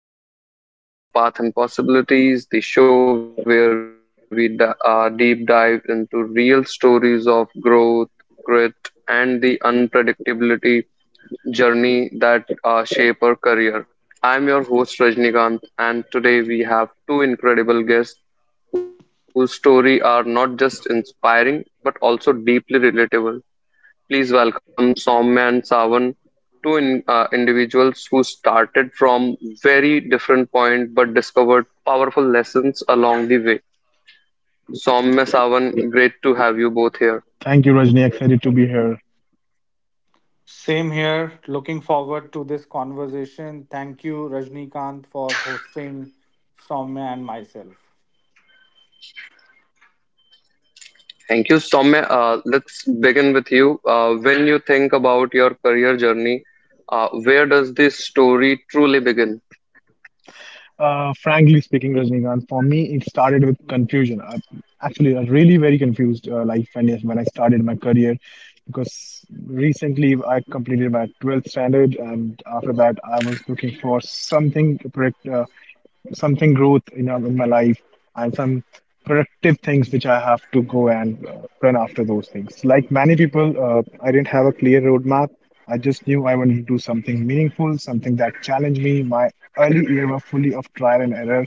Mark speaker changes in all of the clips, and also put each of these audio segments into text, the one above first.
Speaker 1: guys, welcome to my episode of Path and Possibilities, the show where we deep dive into real stories of growth, grit, and the unpredictability journey that shape our career. I'm your host Rajnikant, and today we have two incredible guests whose story are not just inspiring but also deeply relatable. Please welcome Soumya and Savan, two individuals who started from very different point but discovered powerful lessons along the way. Soumya, Savan, great to have you both here.
Speaker 2: Thank you, Rajni. Excited to be here.
Speaker 3: Same here. Looking forward to this conversation. Thank you, Rajnikant, for hosting Soumya and myself.
Speaker 1: Thank you, Soumya. Let's begin with you. When you think about your career journey, where does this story truly begin?
Speaker 2: Frankly speaking, Rajnikant, for me, it started with confusion. Actually, I was really very confused life and yes, when I started my career because recently I completed my 12th standard and after that I was looking for something correct, something growth in my life and some productive things which I have to go and run after those things. Like many people, I didn't have a clear roadmap. I just knew I wanted to do something meaningful, something that challenged me. My early year were fully of trial and error.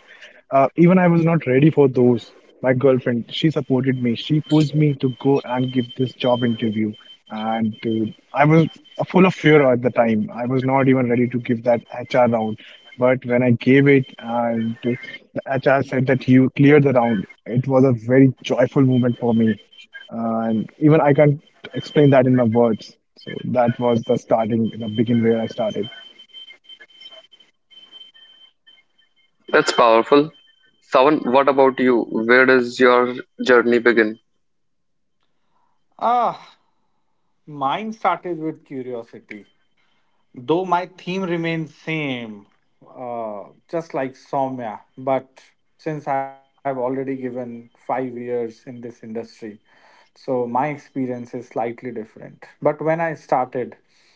Speaker 2: Even I was not ready for those. My girlfriend, she supported me. She pushed me to go and give this job interview. And I was full of fear at the time. I was not even ready to give that HR round, but when I gave it and the HR said that you cleared the round, it was a very joyful moment for me. And even I can't explain that in my words. So that was the starting, the begin where I started.
Speaker 1: That's powerful. Savan, what about you? Where does your journey begin?
Speaker 3: Ah, mine started with curiosity. Though my theme remains same, just like Soumya, but since I have already given 5 years in this industry, so my experience is slightly different. But when I started,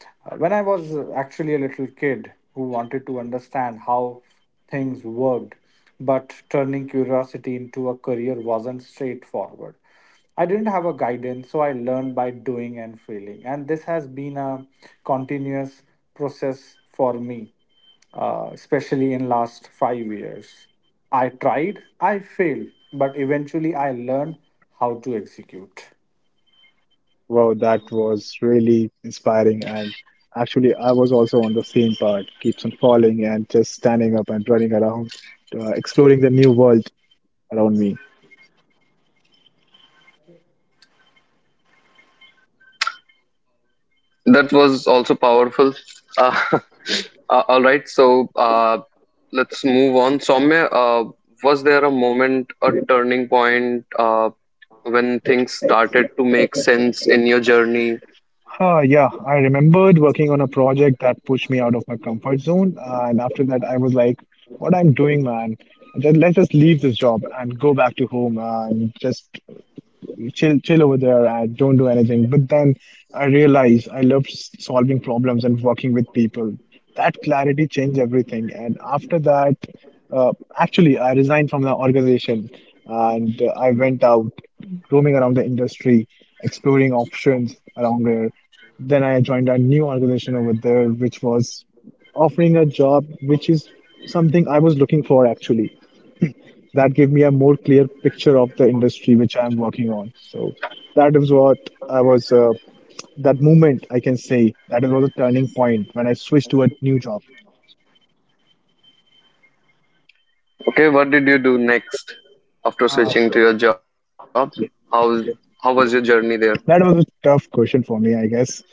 Speaker 3: when I was actually a little kid who wanted to understand how things worked, but turning curiosity into a career wasn't straightforward. I didn't have a guidance, so I learned by doing and failing. And this has been a continuous process for me especially in last 5 years. I tried, I failed, but eventually I learned how to execute.
Speaker 2: Wow, that was really inspiring. And actually, I was also on the same part, keeps on falling and just standing up and running around, exploring the new world around me.
Speaker 1: That was also powerful. Uh, all right, so let's move on. Soumya, was there a moment, a turning point, when things started to make sense in your journey?
Speaker 2: Yeah, I remembered working on a project that pushed me out of my comfort zone. And after that, I was like, what I'm doing, man? Just, let's just leave this job and go back to home and just chill, chill over there and don't do anything. But then I realized I loved solving problems and working with people. That clarity changed everything. And after that, uh, actually, I resigned from the organization and I went out roaming around the industry, exploring options around there. Then I joined a new organization over there, which was offering a job, which is something I was looking for actually. That gave me a more clear picture of the industry which I'm working on. So that is what I was, uh, that moment I can say, that was a turning point when I switched to a new job.
Speaker 1: Okay, what did you do next after switching to your job? How how was your journey there?
Speaker 2: That was a tough question for me, I guess.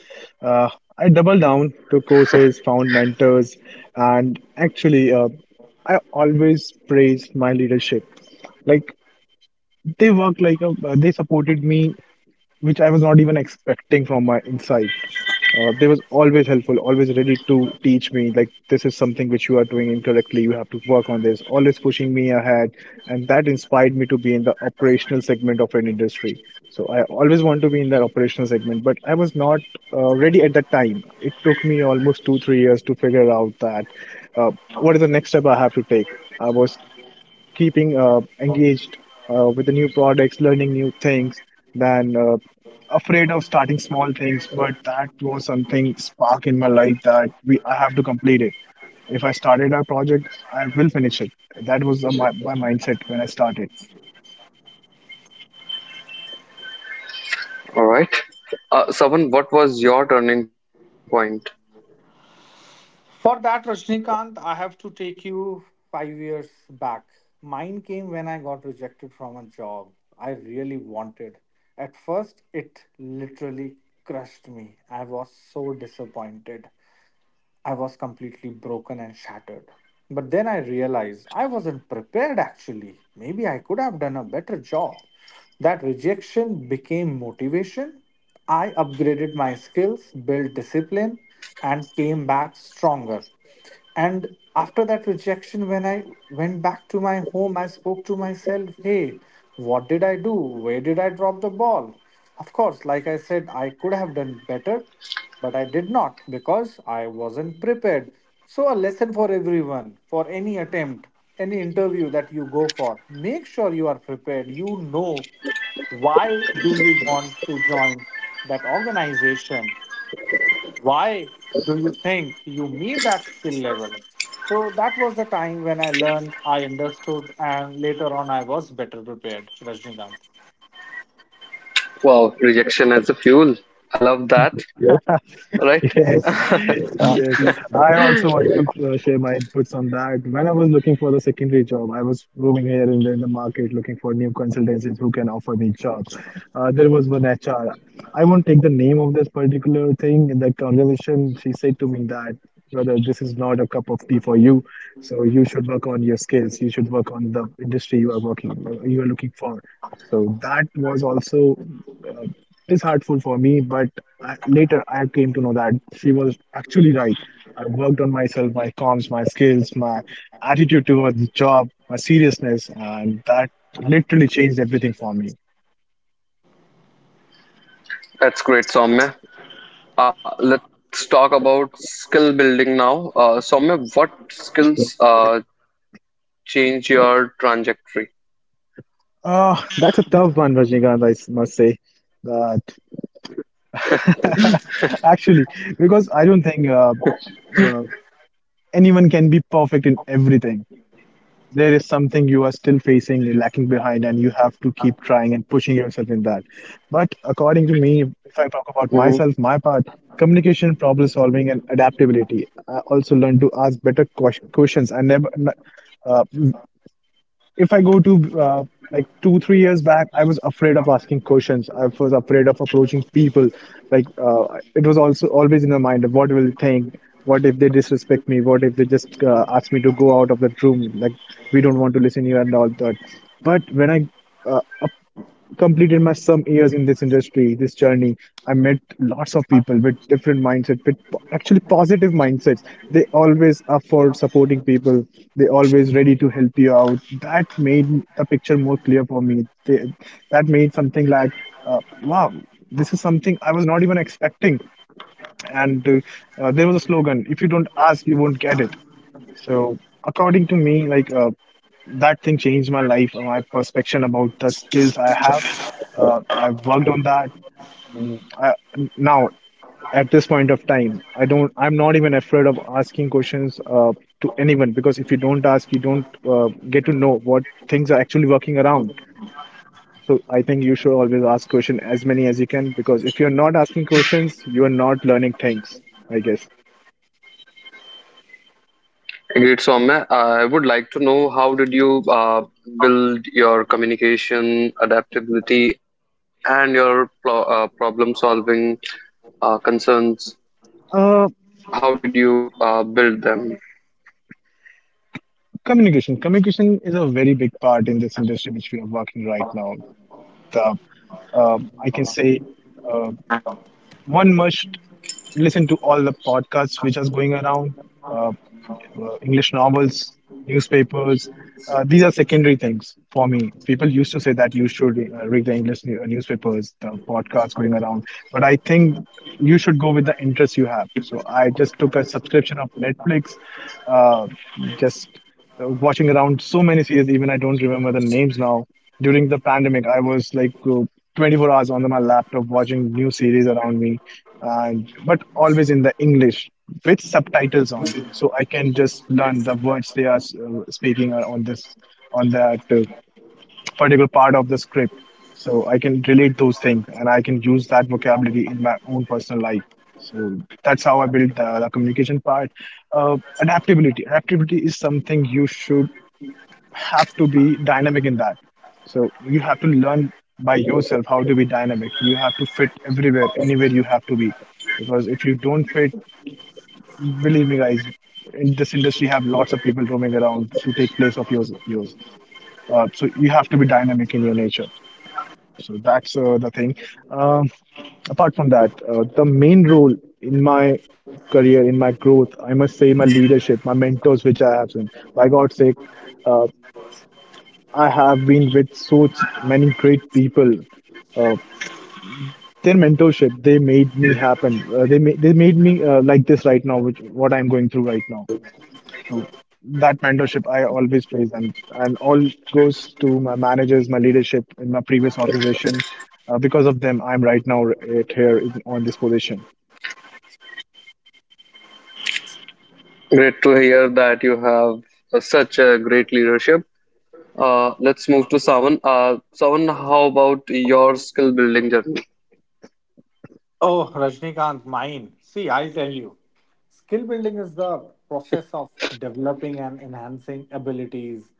Speaker 2: Uh, I doubled down, took courses, found mentors, and I always praised my leadership. Like they worked like a, they supported me, which I was not even expecting from my inside. They was always helpful, always ready to teach me, like, this is something which you are doing incorrectly. You have to work on this, always pushing me ahead. And that inspired me to be in the operational segment of an industry. So I always want to be in that operational segment, but I was not ready at that time. It took me almost two, three years to figure out that what is the next step I have to take. I was keeping engaged with the new products, learning new things, than afraid of starting small things. But that was something spark in my life that we I have to complete it. If I started a project, I will finish it. That was my mindset when I started.
Speaker 1: All right, Savan, what was your turning point?
Speaker 3: For that, Rajnikant, I have to take you 5 years back. Mine came when I got rejected from a job I really wanted. At first, it literally crushed me. I was so disappointed. I was completely broken and shattered. But then I realized I wasn't prepared actually. Maybe I could have done a better job. That rejection became motivation. I upgraded my skills, built discipline, and came back stronger. And after that rejection, when I went back to my home, I spoke to myself, hey, what did I do? Where did I drop the ball? Of course, like I said, I could have done better, but I did not because I wasn't prepared. So, a lesson for everyone, for any attempt, any interview that you go for, make sure you are prepared. You know why do you want to join that organization, why do you think you need that skill level. So that was the time when I learned, I understood, and later on I was better prepared, Rajnikant.
Speaker 1: Wow, rejection as a fuel. I love that.
Speaker 2: Yeah.
Speaker 1: All right,
Speaker 2: Yes,
Speaker 3: Yeah.
Speaker 2: yes. I also want to share my inputs on that. When I was looking for the secondary job, I was roaming here and there in the market looking for new consultancies who can offer me jobs. There was one HR. I won't take the name of this particular thing in that conversation. She said to me that, brother, this is not a cup of tea for you. So you should work on your skills. You should work on the industry you are working, you are looking for. So that was also uh, is hurtful for me, but I came to know that she was actually right. I worked on myself, my comms, my skills, my attitude towards the job, my seriousness, and that literally changed everything for me.
Speaker 1: that's great, Soumya. Let's talk about skill building now. Soumya, what skills change your trajectory?
Speaker 2: That's a tough one, Rajnikant, must say. That actually, because I don't think uh, anyone can be perfect in everything. There is something you are still facing lacking behind and you have to keep trying and pushing yourself in that, but according to me,
Speaker 1: Mm-hmm.
Speaker 2: if I talk about myself, my part: communication, problem solving, and adaptability. I also learned to ask better questions. I never n- uh, if I go to like two, three years back, I was afraid of asking questions. I was afraid of approaching people. It was also always in my mind of what will they think? What if they disrespect me? What if they just ask me to go out of that room? Like we don't want to listen to you and all that. But when I uh, completed my some years in this industry, this journey, I met lots of people with different mindset, actually positive mindsets. They always are for supporting people. They always ready to help you out. That made the picture more clear for me. That made something like, wow, this is something I was not even expecting. And There was a slogan: "If you don't ask, you won't get it." So according to me, like. That thing changed my life, my perception about the skills I have. I worked on that. Mm, I, now, at this point of time, I don't. I'm not even afraid of asking questions to anyone because if you don't ask, you don't get to know what things are actually working around. So I think you should always ask questions as many as you can because if you're not asking questions, you are not learning things. I guess.
Speaker 1: Great, Soumya. I would like to know how did you build your communication, adaptability, and your problem solving concerns? How did you
Speaker 2: Uh,
Speaker 1: build them?
Speaker 2: Communication. Communication is a very big part in this industry which we are working right now. The I can say uh, one must listen to all the podcasts which are going around. Uh, English novels, newspapers. These are secondary things for me. People used to say that you should read the English newspapers, the podcasts going around, but I think you should go with the interest you have. So I just took a subscription of Netflix, uh, just watching around so many series, even I don't remember the names now. During the pandemic, I was like 24 hours on my laptop watching new series around me, and but always in the English with subtitles on, so I can just learn the words they are speaking on this on that particular part of the script. So I can relate those things, and I can use that vocabulary in my own personal life. So that's how I built the communication part. Adaptability, adaptability is something you should have to be dynamic in that. So you have to learn by yourself how to be dynamic. You have to fit everywhere, anywhere you have to be, because if you don't fit, believe me, guys, in this industry, have lots of people roaming around to take place of yours. So you have to be dynamic in your nature. So that's the thing. Um, Apart from that, the main role in my career, in my growth, I must say, my leadership, my mentors, which I have seen. By God's sake, uh, I have been with so many great people, uh, their mentorship, they made me happen, they made me like this right now, which what I'm going through right now. So that mentorship I always praise, and all goes to my managers, my leadership in my previous organization. Because of them, I'm right now right here in, on this position.
Speaker 1: Great to hear that you have such a great leadership. Let's move to Savan. Savan, how about your skill building journey?
Speaker 3: Oh, Rajnikant, mine, see, I'll tell you, skill building is the process of developing and enhancing abilities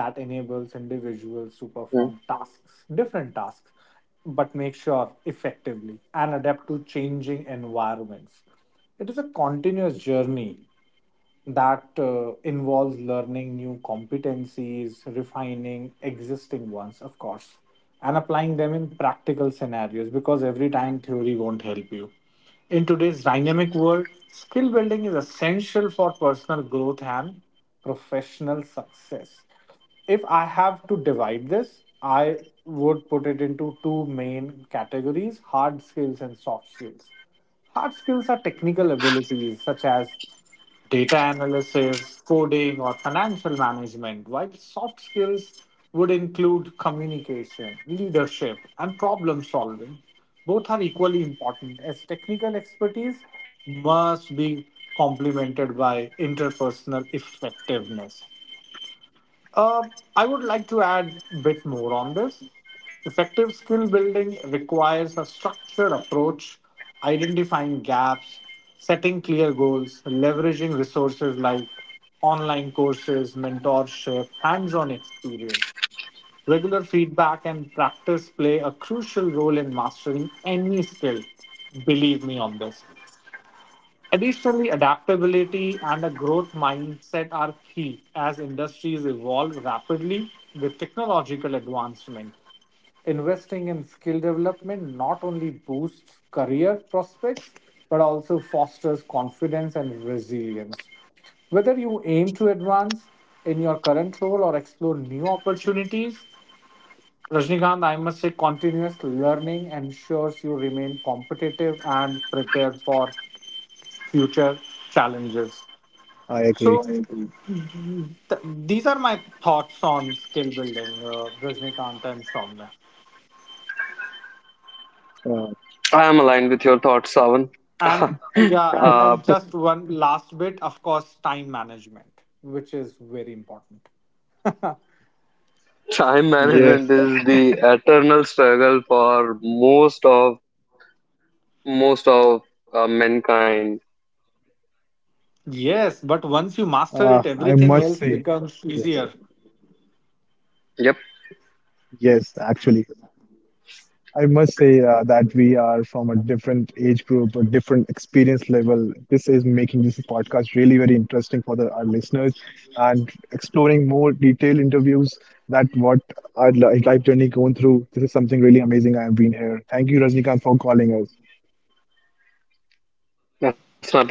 Speaker 3: that enables individuals to perform tasks, different tasks, but make sure effectively and adapt to changing environments. It is a continuous journey that involves learning new competencies, refining existing ones, of course, and applying them in practical scenarios, because every time theory won't help you. In today's dynamic world, skill building is essential for personal growth and professional success. If I have to divide this, I would put it into two main categories: hard skills and soft skills. Hard skills are technical abilities such as data analysis, coding, or financial management, while soft skills would include communication, leadership, and problem solving. Both are equally important as technical expertise must be complemented by interpersonal effectiveness. Uh, I would like to add a bit more on this. Effective skill building requires a structured approach: identifying gaps, setting clear goals, leveraging resources like online courses, mentorship, hands on experience. Regular feedback and practice play a crucial role in mastering any skill. Believe me on this. Additionally, adaptability and a growth mindset are key as industries evolve rapidly with technological advancement. Investing in skill development not only boosts career prospects but also fosters confidence and resilience. Whether you aim to advance in your current role or explore new opportunities, Rajnikant, I must say, continuous learning ensures you remain competitive and prepared for future challenges.
Speaker 2: I
Speaker 3: So
Speaker 2: agree.
Speaker 3: these are my thoughts on skill building, Rajnikant and Somya.
Speaker 2: Uh,
Speaker 1: I am aligned with your thoughts, Savan.
Speaker 3: And yeah, and
Speaker 1: uh,
Speaker 3: then just one last bit, of course, time management, which is very important.
Speaker 1: Time
Speaker 2: yes.
Speaker 1: management is the eternal struggle for most of mankind.
Speaker 2: I
Speaker 3: Yes, but
Speaker 2: must
Speaker 3: once you
Speaker 2: say
Speaker 3: master it,
Speaker 2: yes.
Speaker 3: everything else becomes easier.
Speaker 2: Yes,
Speaker 1: Yep,
Speaker 2: actually. I must say that we are from a different age group, a different experience level. This is making this podcast really very interesting for the, our listeners and exploring more detailed interviews that what our life journey going through. This is something really amazing I have been here. Thank you, Rajnikant, for calling us.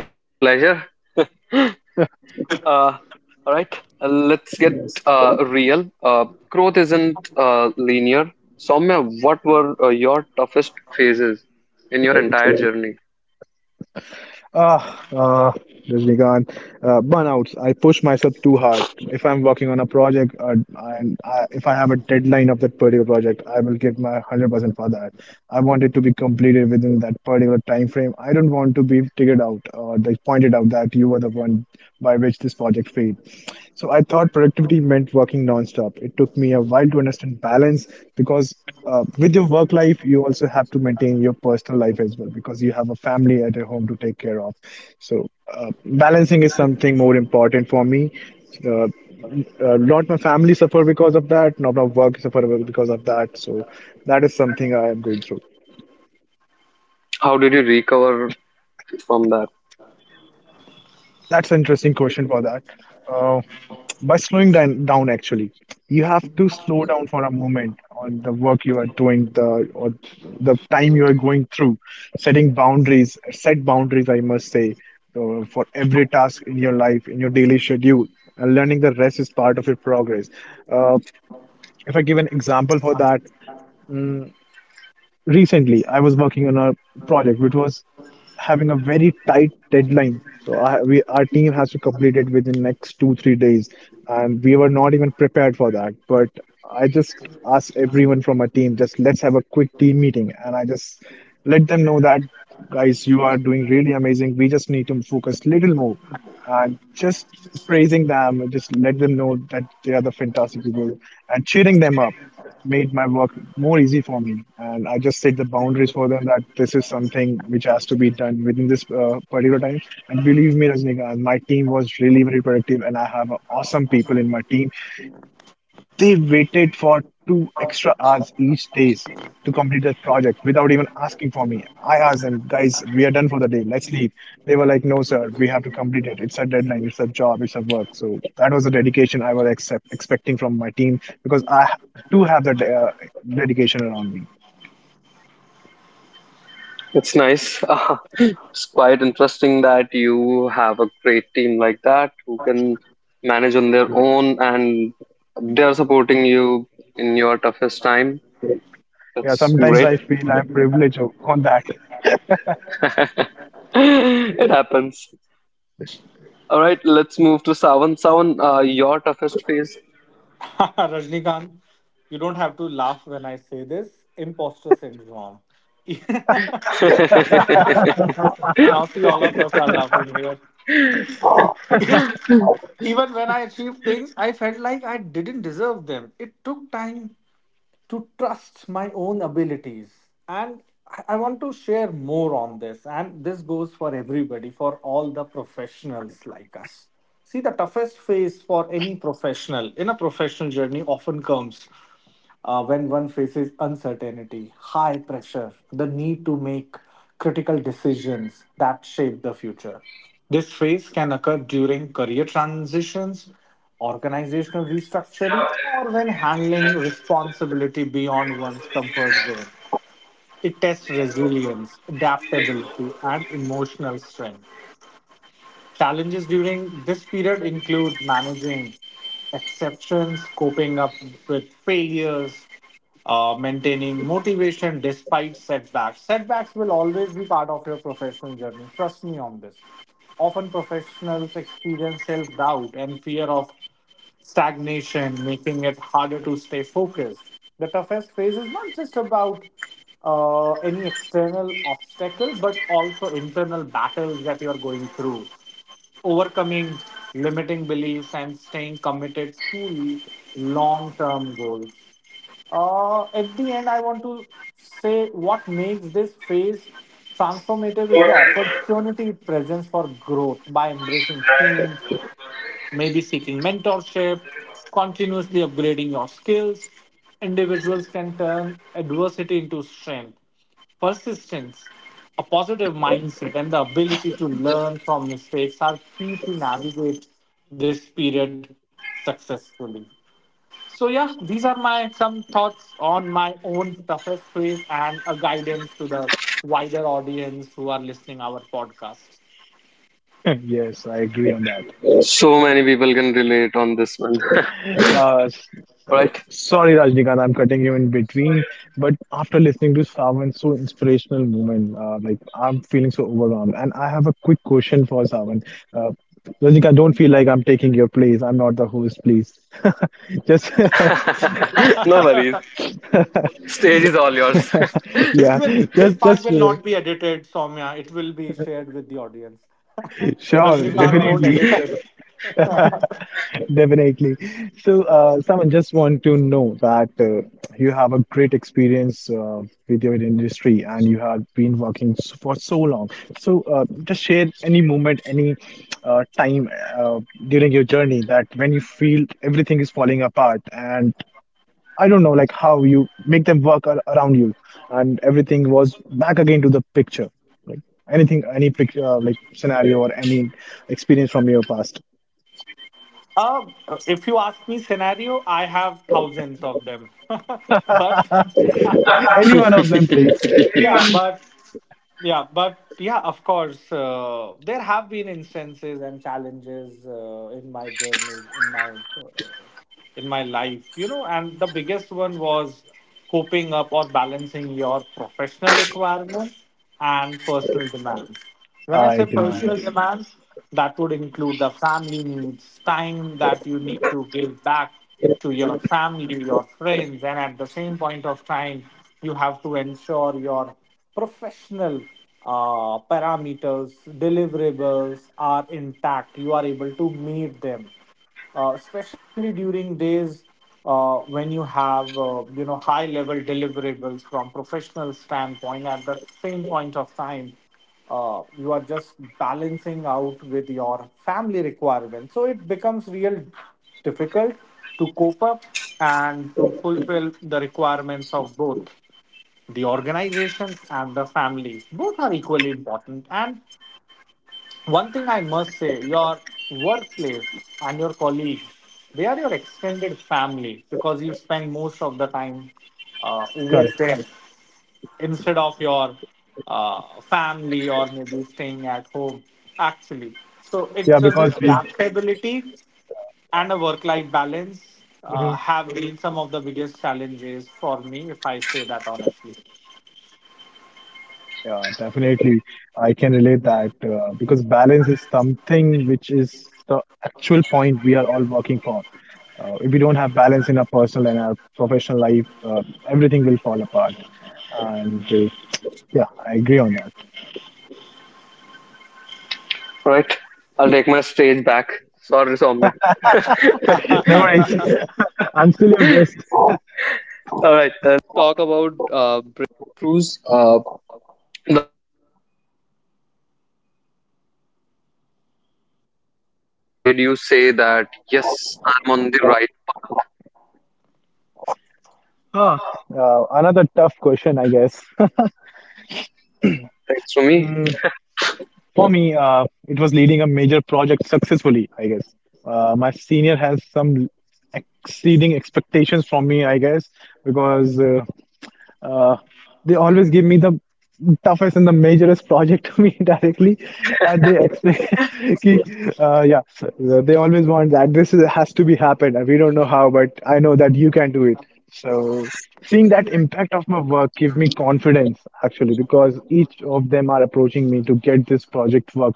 Speaker 1: that's my pleasure. Uh, all right, let's get real. Growth isn't linear. Soumya, what were your toughest phases in your entire journey?
Speaker 2: Ah, uh, Rajnikant, burnouts. I push myself too hard. If I'm working on a project, if I have a deadline of that particular project, I will give my 100% for that. I want it to be completed within that particular time frame. I don't want to be figured out or they pointed out that you were the one by which this project failed. So I thought productivity meant working nonstop. It took me a while to understand balance because with your work life, you also have to maintain your personal life as well because you have a family at your home to take care of. So, balancing is something more important for me. Uh, Not my family suffer because of that, not my work suffer because of that. So, that is something I am going through.
Speaker 1: How did you recover from that?
Speaker 2: That's an interesting question for that. Uh, by slowing down actually, you have to slow down for a moment on the work you are doing the or the time you are going through. Set boundaries, I must say, for every task in your life, in your daily schedule, and learning the rest is part of your progress. uh, if I give an example for that, mm recently I was working on a project which was having a very tight deadline. So, we, our team has to complete it within next 2, 3 days, and we were not even prepared for that. But I just asked everyone from our team, just let's have a quick team meeting, and I just let them know that, guys, you are doing really amazing. We just need to focus a little more, and just praising them, just let them know that they are the fantastic people, and cheering them up made my work more easy for me. And I just set the boundaries for them that this is something which has to be done within this particular time. And believe me, Rajnikant, my team was really very productive, and I have awesome people in my team. They waited for 2 extra hours each days to complete that project without even asking for me. I asked them, guys, we are done for the day. Let's leave. They were like, no, sir, we have to complete it. It's a deadline. It's a job. It's a work. So that was the dedication I was expecting from my team, because I do have that dedication around me.
Speaker 1: It's nice. It's quite interesting that you have a great team like that who can manage on their own and they're supporting you in your toughest time.
Speaker 2: Yeah,
Speaker 1: That's
Speaker 2: sometimes
Speaker 1: great.
Speaker 2: I feel I'm privileged on that.
Speaker 1: It happens. All right, let's move to Sawan. Sawan, your toughest phase.
Speaker 3: Rajnikant, you don't have to laugh when I say this. Imposter syndrome. Now see, all of us are laughing here. Even when I achieved things, I felt like I didn't deserve them. It took time to trust my own abilities. And I want to share more on this. And this goes for everybody, for all the professionals like us. See, the toughest phase for any professional in a professional journey often comes when one faces uncertainty, high pressure, the need to make critical decisions that shape the future. This phase can occur during career transitions, organizational restructuring, or when handling responsibility beyond one's comfort zone. It tests resilience, adaptability, and emotional strength. Challenges during this period include managing exceptions, coping up with failures, maintaining motivation despite setbacks. Setbacks will always be part of your professional journey. Trust me on this. Often, professionals experience self doubt and fear of stagnation, making it harder to stay focused. The toughest phase is not just about any external obstacle, but also internal battles that you are going through. Overcoming limiting beliefs and staying committed to long term goals. At the end, I want to say what makes this phase transformative is the opportunity it presents for growth by embracing pain, maybe seeking mentorship, continuously upgrading your skills. Individuals can turn adversity into strength. Persistence, a positive mindset, and the ability to learn from mistakes are key to navigate this period successfully. So, yeah, these are my some thoughts on my own toughest phase and a guidance to the wider audience who are listening our podcast.
Speaker 2: Yes, I agree on that.
Speaker 1: So many people can relate on this one.
Speaker 2: Uh, s-
Speaker 1: All right.
Speaker 2: Sorry, Rajnikant, I'm cutting you in between, but after listening to Savan's so inspirational moment, like I'm feeling so overwhelmed. And I have a quick question for Savan. Uh, Rajnikant, don't feel like I'm taking your place. I'm not the host, please. Just,
Speaker 1: No worries. Stage is all yours.
Speaker 2: yeah,
Speaker 3: This will
Speaker 2: just,
Speaker 3: this part
Speaker 2: just,
Speaker 3: will not be edited, Soumya. It will be shared with the audience.
Speaker 2: sure,
Speaker 3: Rajnikant won't
Speaker 2: definitely.
Speaker 3: edit this.
Speaker 2: Definitely. So, Sam, I just want to know that you have a great experience with your industry, and you have been working for so long. So, just share any moment, any time uh, during your journey that when you feel everything is falling apart, and I don't know, like how you make them work ar around you, and everything was back again to the picture. Like anything, any picture, like scenario, or any experience from your past.
Speaker 3: Uh, if you ask me scenario, I have thousands of them. But
Speaker 2: Any one of them, please.
Speaker 3: Yeah, but yeah, of course, there have been instances and challenges in my journeys, in my life, you know, and the biggest one was coping up or balancing your professional requirements and personal demands. When I
Speaker 2: I
Speaker 3: say
Speaker 2: agree.
Speaker 3: personal
Speaker 2: Yes,
Speaker 3: demands, that would include the family needs, time that you need to give back to your family, your friends, and at the same point of time, you have to ensure your professional parameters, deliverables are intact. You are able to meet them especially during days when you have you know high level deliverables from professional standpoint at the same point of time, you are just balancing out with your family requirements, so it becomes real difficult to cope up and to fulfill the requirements of both the organization and the family. Both are equally important. And one thing I must say, your workplace and your colleagues, they are your extended family because you spend most of the time
Speaker 2: correct.
Speaker 3: with them instead of your family or maybe staying at home, actually. So it's
Speaker 2: Yeah,
Speaker 3: just this
Speaker 2: because we,
Speaker 3: adaptability and a work life balance
Speaker 2: Mhm.
Speaker 3: have been some of the biggest challenges for me, if I say that honestly.
Speaker 2: Yeah, definitely, I can relate that because balance is something which is the actual point we are all working for. If we don't have balance in our personal and our professional life, everything will fall apart. And yeah, I agree on that.
Speaker 1: All right. I'll take my stage back. Sorry, Somya.
Speaker 2: No worries. I'm still your guest.
Speaker 1: All right, talk about breakthroughs. The moment when y- that the moment that made you say that, yes, I'm on the right.
Speaker 2: Ah, Another tough question, I guess.
Speaker 1: Thanks to me,
Speaker 2: For me, it was leading a major project successfully, I guess. My senior has some exceeding expectations from me, I guess, because uh, they always give me the toughest and the majorest project to me directly, and they explain, ki, yeah, so they always want that this is, has to be happened, and we don't know how, but I know that you can do it. So, seeing that impact of my work give me confidence actually, because each of them are approaching me to get this project work,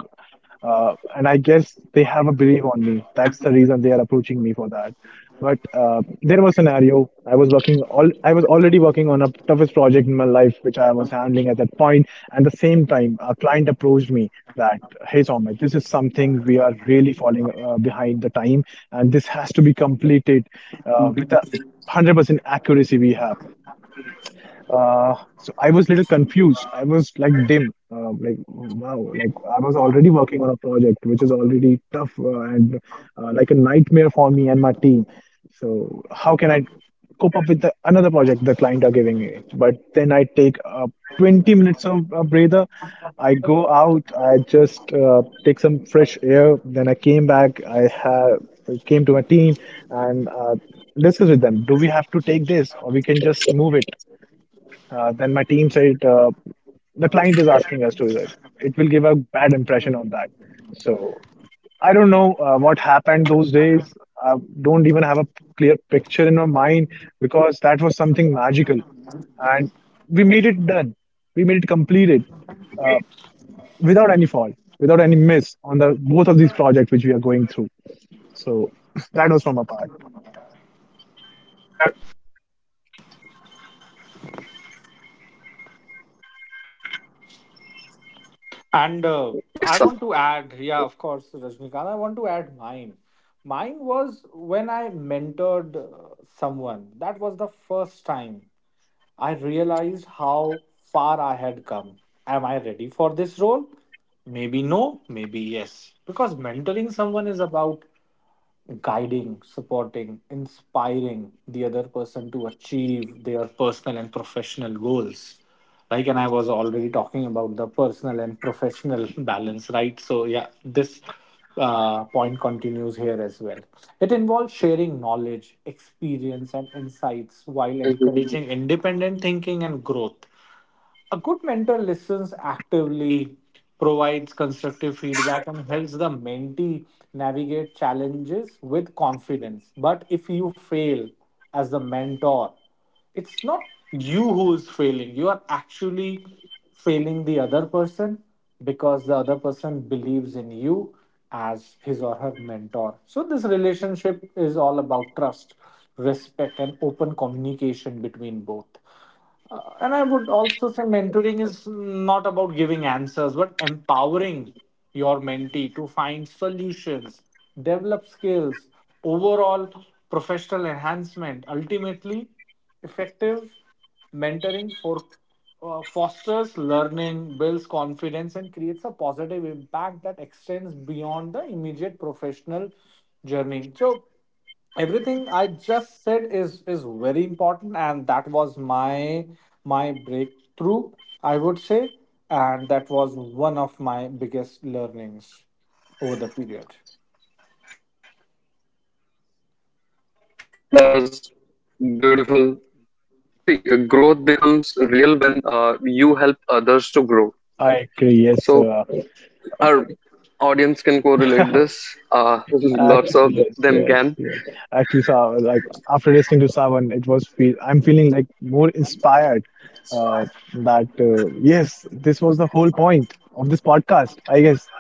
Speaker 2: and I guess they have a belief on me. That's the reason they are approaching me for that. But there was a scenario. I was working all. I was already working on a toughest project in my life, which I was handling at that point. And at the same time, a client approached me that, "Hey, Soumya, this is something we are really falling behind the time, and this has to be completed with a 100% accuracy we have." So, I was little confused. I was like dim, like wow, like I was already working on a project which is already tough, and like a nightmare for me and my team. So how can I cope up with another project the client are giving me? But then I take 20 minutes of breather. I go out. I just take some fresh air. Then I came back. I have came to my team, and discuss with them. Do we have to take this, or we can just move it? Then my team said the client is asking us to do it. It will give a bad impression on that. So, I don't know what happened those days. I don't even have a clear picture in my mind, because that was something magical, and we made it done. We made it completed uh, without any fault, without any miss on the both of these projects which we are going through. So that was from a part.
Speaker 1: yes, Savan.
Speaker 3: And I want to add, yeah, of course, Rajnikant, I want to add mine. Mine was when I mentored someone. That was the first time I realized how far I had come. Am I ready for this role? Maybe no, maybe yes. Because mentoring someone is about guiding, supporting, inspiring the other person to achieve their personal and professional goals. Like, and I was already talking about the personal and professional balance, right? So, yeah, this point continues here as well. It involves sharing knowledge, experience, and insights while
Speaker 1: Mhm.
Speaker 3: encouraging independent thinking and growth. A good mentor listens actively, provides constructive feedback, and helps the mentee navigate challenges with confidence. But if you fail as the mentor, it's not you who is failing. You are actually failing the other person, because the other person believes in you as his or her mentor. So, this relationship is all about trust, respect, and open communication between both. And I would also say mentoring is not about giving answers, but empowering your mentee to find solutions, develop skills, overall professional enhancement. Ultimately, effective mentoring fosters learning, builds confidence, and creates a positive impact that extends beyond the immediate professional journey. So, everything I just said is very important, and that was my breakthrough, I would say, and that was one of my biggest learnings over the period.
Speaker 1: That was beautiful. See, growth becomes real when you help others to grow. So
Speaker 2: I agree.
Speaker 1: our
Speaker 2: Yes,
Speaker 1: audience can correlate this. Uh, Lots of them can.
Speaker 2: Actually, yes, yes, yes. Actually, so like, after listening to Savan, it was feel I'm feeling like more inspired. Uh, that, yes, this was the whole point of this podcast, I guess,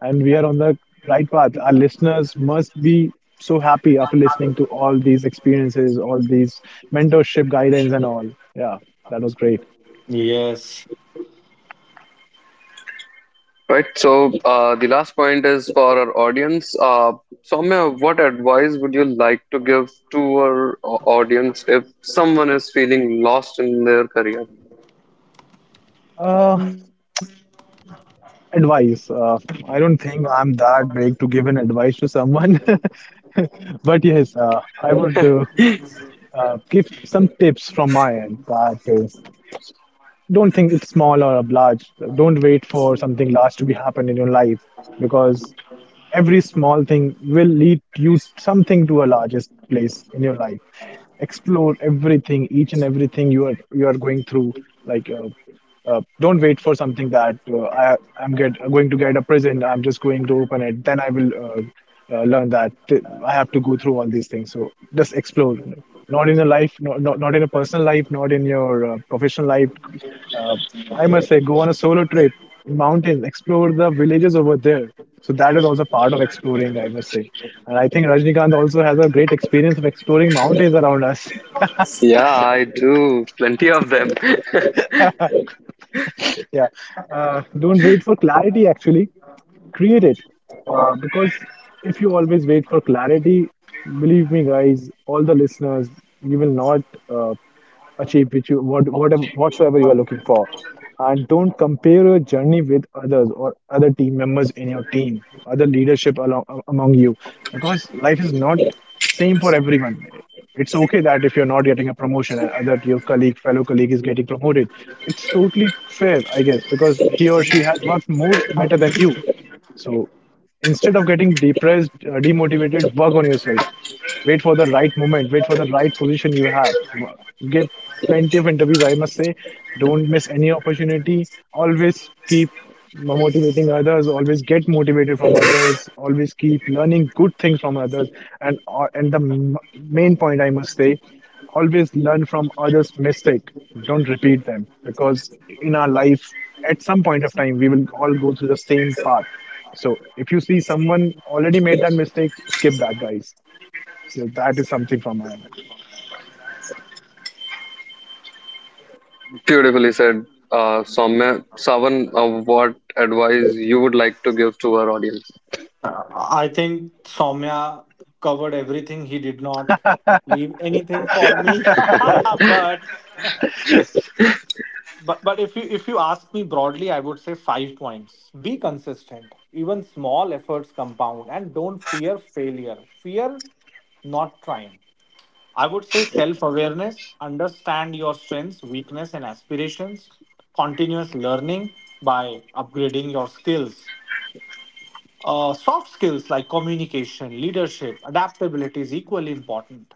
Speaker 2: and we are on the right path. Our listeners must be so happy after listening to all these experiences, all these mentorship guidance, and all. Yeah, that was great.
Speaker 3: Yes,
Speaker 1: Right. So the last point is for our audience. Soumya, what advice would you like to give to our audience if someone is feeling lost in their career?
Speaker 2: Uh, Advice. I don't think I'm that big to give an advice to someone. But yes, I would. Give some tips from my end, that don't think it's small or large. Don't wait for something large to be happen in your life, because every small thing will lead you something to a largest place in your life. Explore everything, each and everything you are going through, like, don't wait for something, that I'm get going to get a prison. I'm just going to open it. Then I will learn that I have to go through all these things. So just explore. Not in a life, not in a personal life, not in your professional life. Uh, I must say, go on a solo trip in mountains, explore the villages over there. So that is also part of exploring, I must say. And I think Rajnikant also has a great experience of exploring mountains around us.
Speaker 1: Yeah, I do. Plenty of them.
Speaker 2: Yeah. Don't wait for clarity, actually create it, because if you always wait for clarity, believe me, guys, all the listeners, you will not uh, achieve which you whatsoever you are looking for. And don't compare your journey with others, or other team members in your team, other leadership among you, because life is not same for everyone. It's okay that if you're not getting a promotion, and other your colleague fellow colleague is getting promoted, it's totally fair, I guess, because he or she had worked more better than you. So, instead of getting depressed, demotivated, work on yourself. Wait for the right moment, wait for the right position you have. Give plenty of interviews, I must say. Don't miss any opportunity. Always keep motivating others, always get motivated from others, always keep learning good things from others. And the main point I must say, always learn from others' mistake. Don't repeat them, because in our life, at some point of time, we will all go through the same path. So if you see someone already made that mistake, skip that, guys. So that is something from my end.
Speaker 1: Beautifully said, Soumya. Savan, what advice you would like to give to our audience?
Speaker 3: I think Soumya covered everything. He did not leave anything for me. but but if you ask me broadly, I would say five points. Be consistent. Even small efforts compound, and don't fear failure. Fear not trying. I would say self awareness. Understand your strengths, weakness, and aspirations. Continuous learning by upgrading your skills. Soft skills like communication, leadership, adaptability is equally important.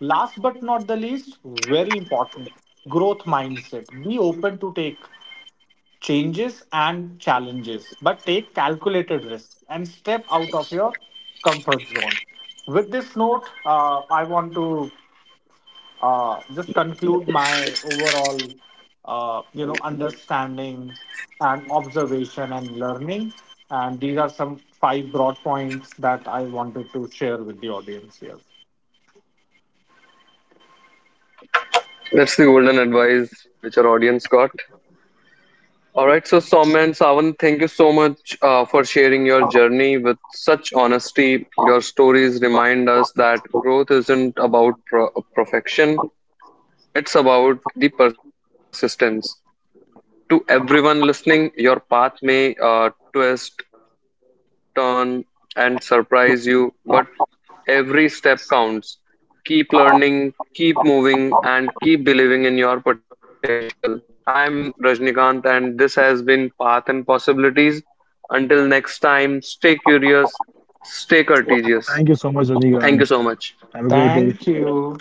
Speaker 3: Last but not the least, very important, growth mindset. Be open to take changes and challenges, but take calculated risks and step out of your comfort zone. With this note, I want to just conclude my overall, you know, understanding and observation and learning. And these are some five broad points that I wanted to share with the audience here.
Speaker 1: That's the golden advice which our audience got. All right, so Soumya and Savan, thank you so much for sharing your journey with such honesty. Your stories remind us that growth isn't about perfection, it's about the persistence. To everyone listening, your path may twist, turn, and surprise you, but every step counts. Keep learning, keep moving, and keep believing in your potential. I'm Rajnikant, and this has been Path and Possibilities. Until next time, stay curious, stay
Speaker 2: Thank you
Speaker 1: courageous.
Speaker 2: so much, Renigan.
Speaker 1: Thank you so much.
Speaker 2: Have a great day.
Speaker 3: Thank you.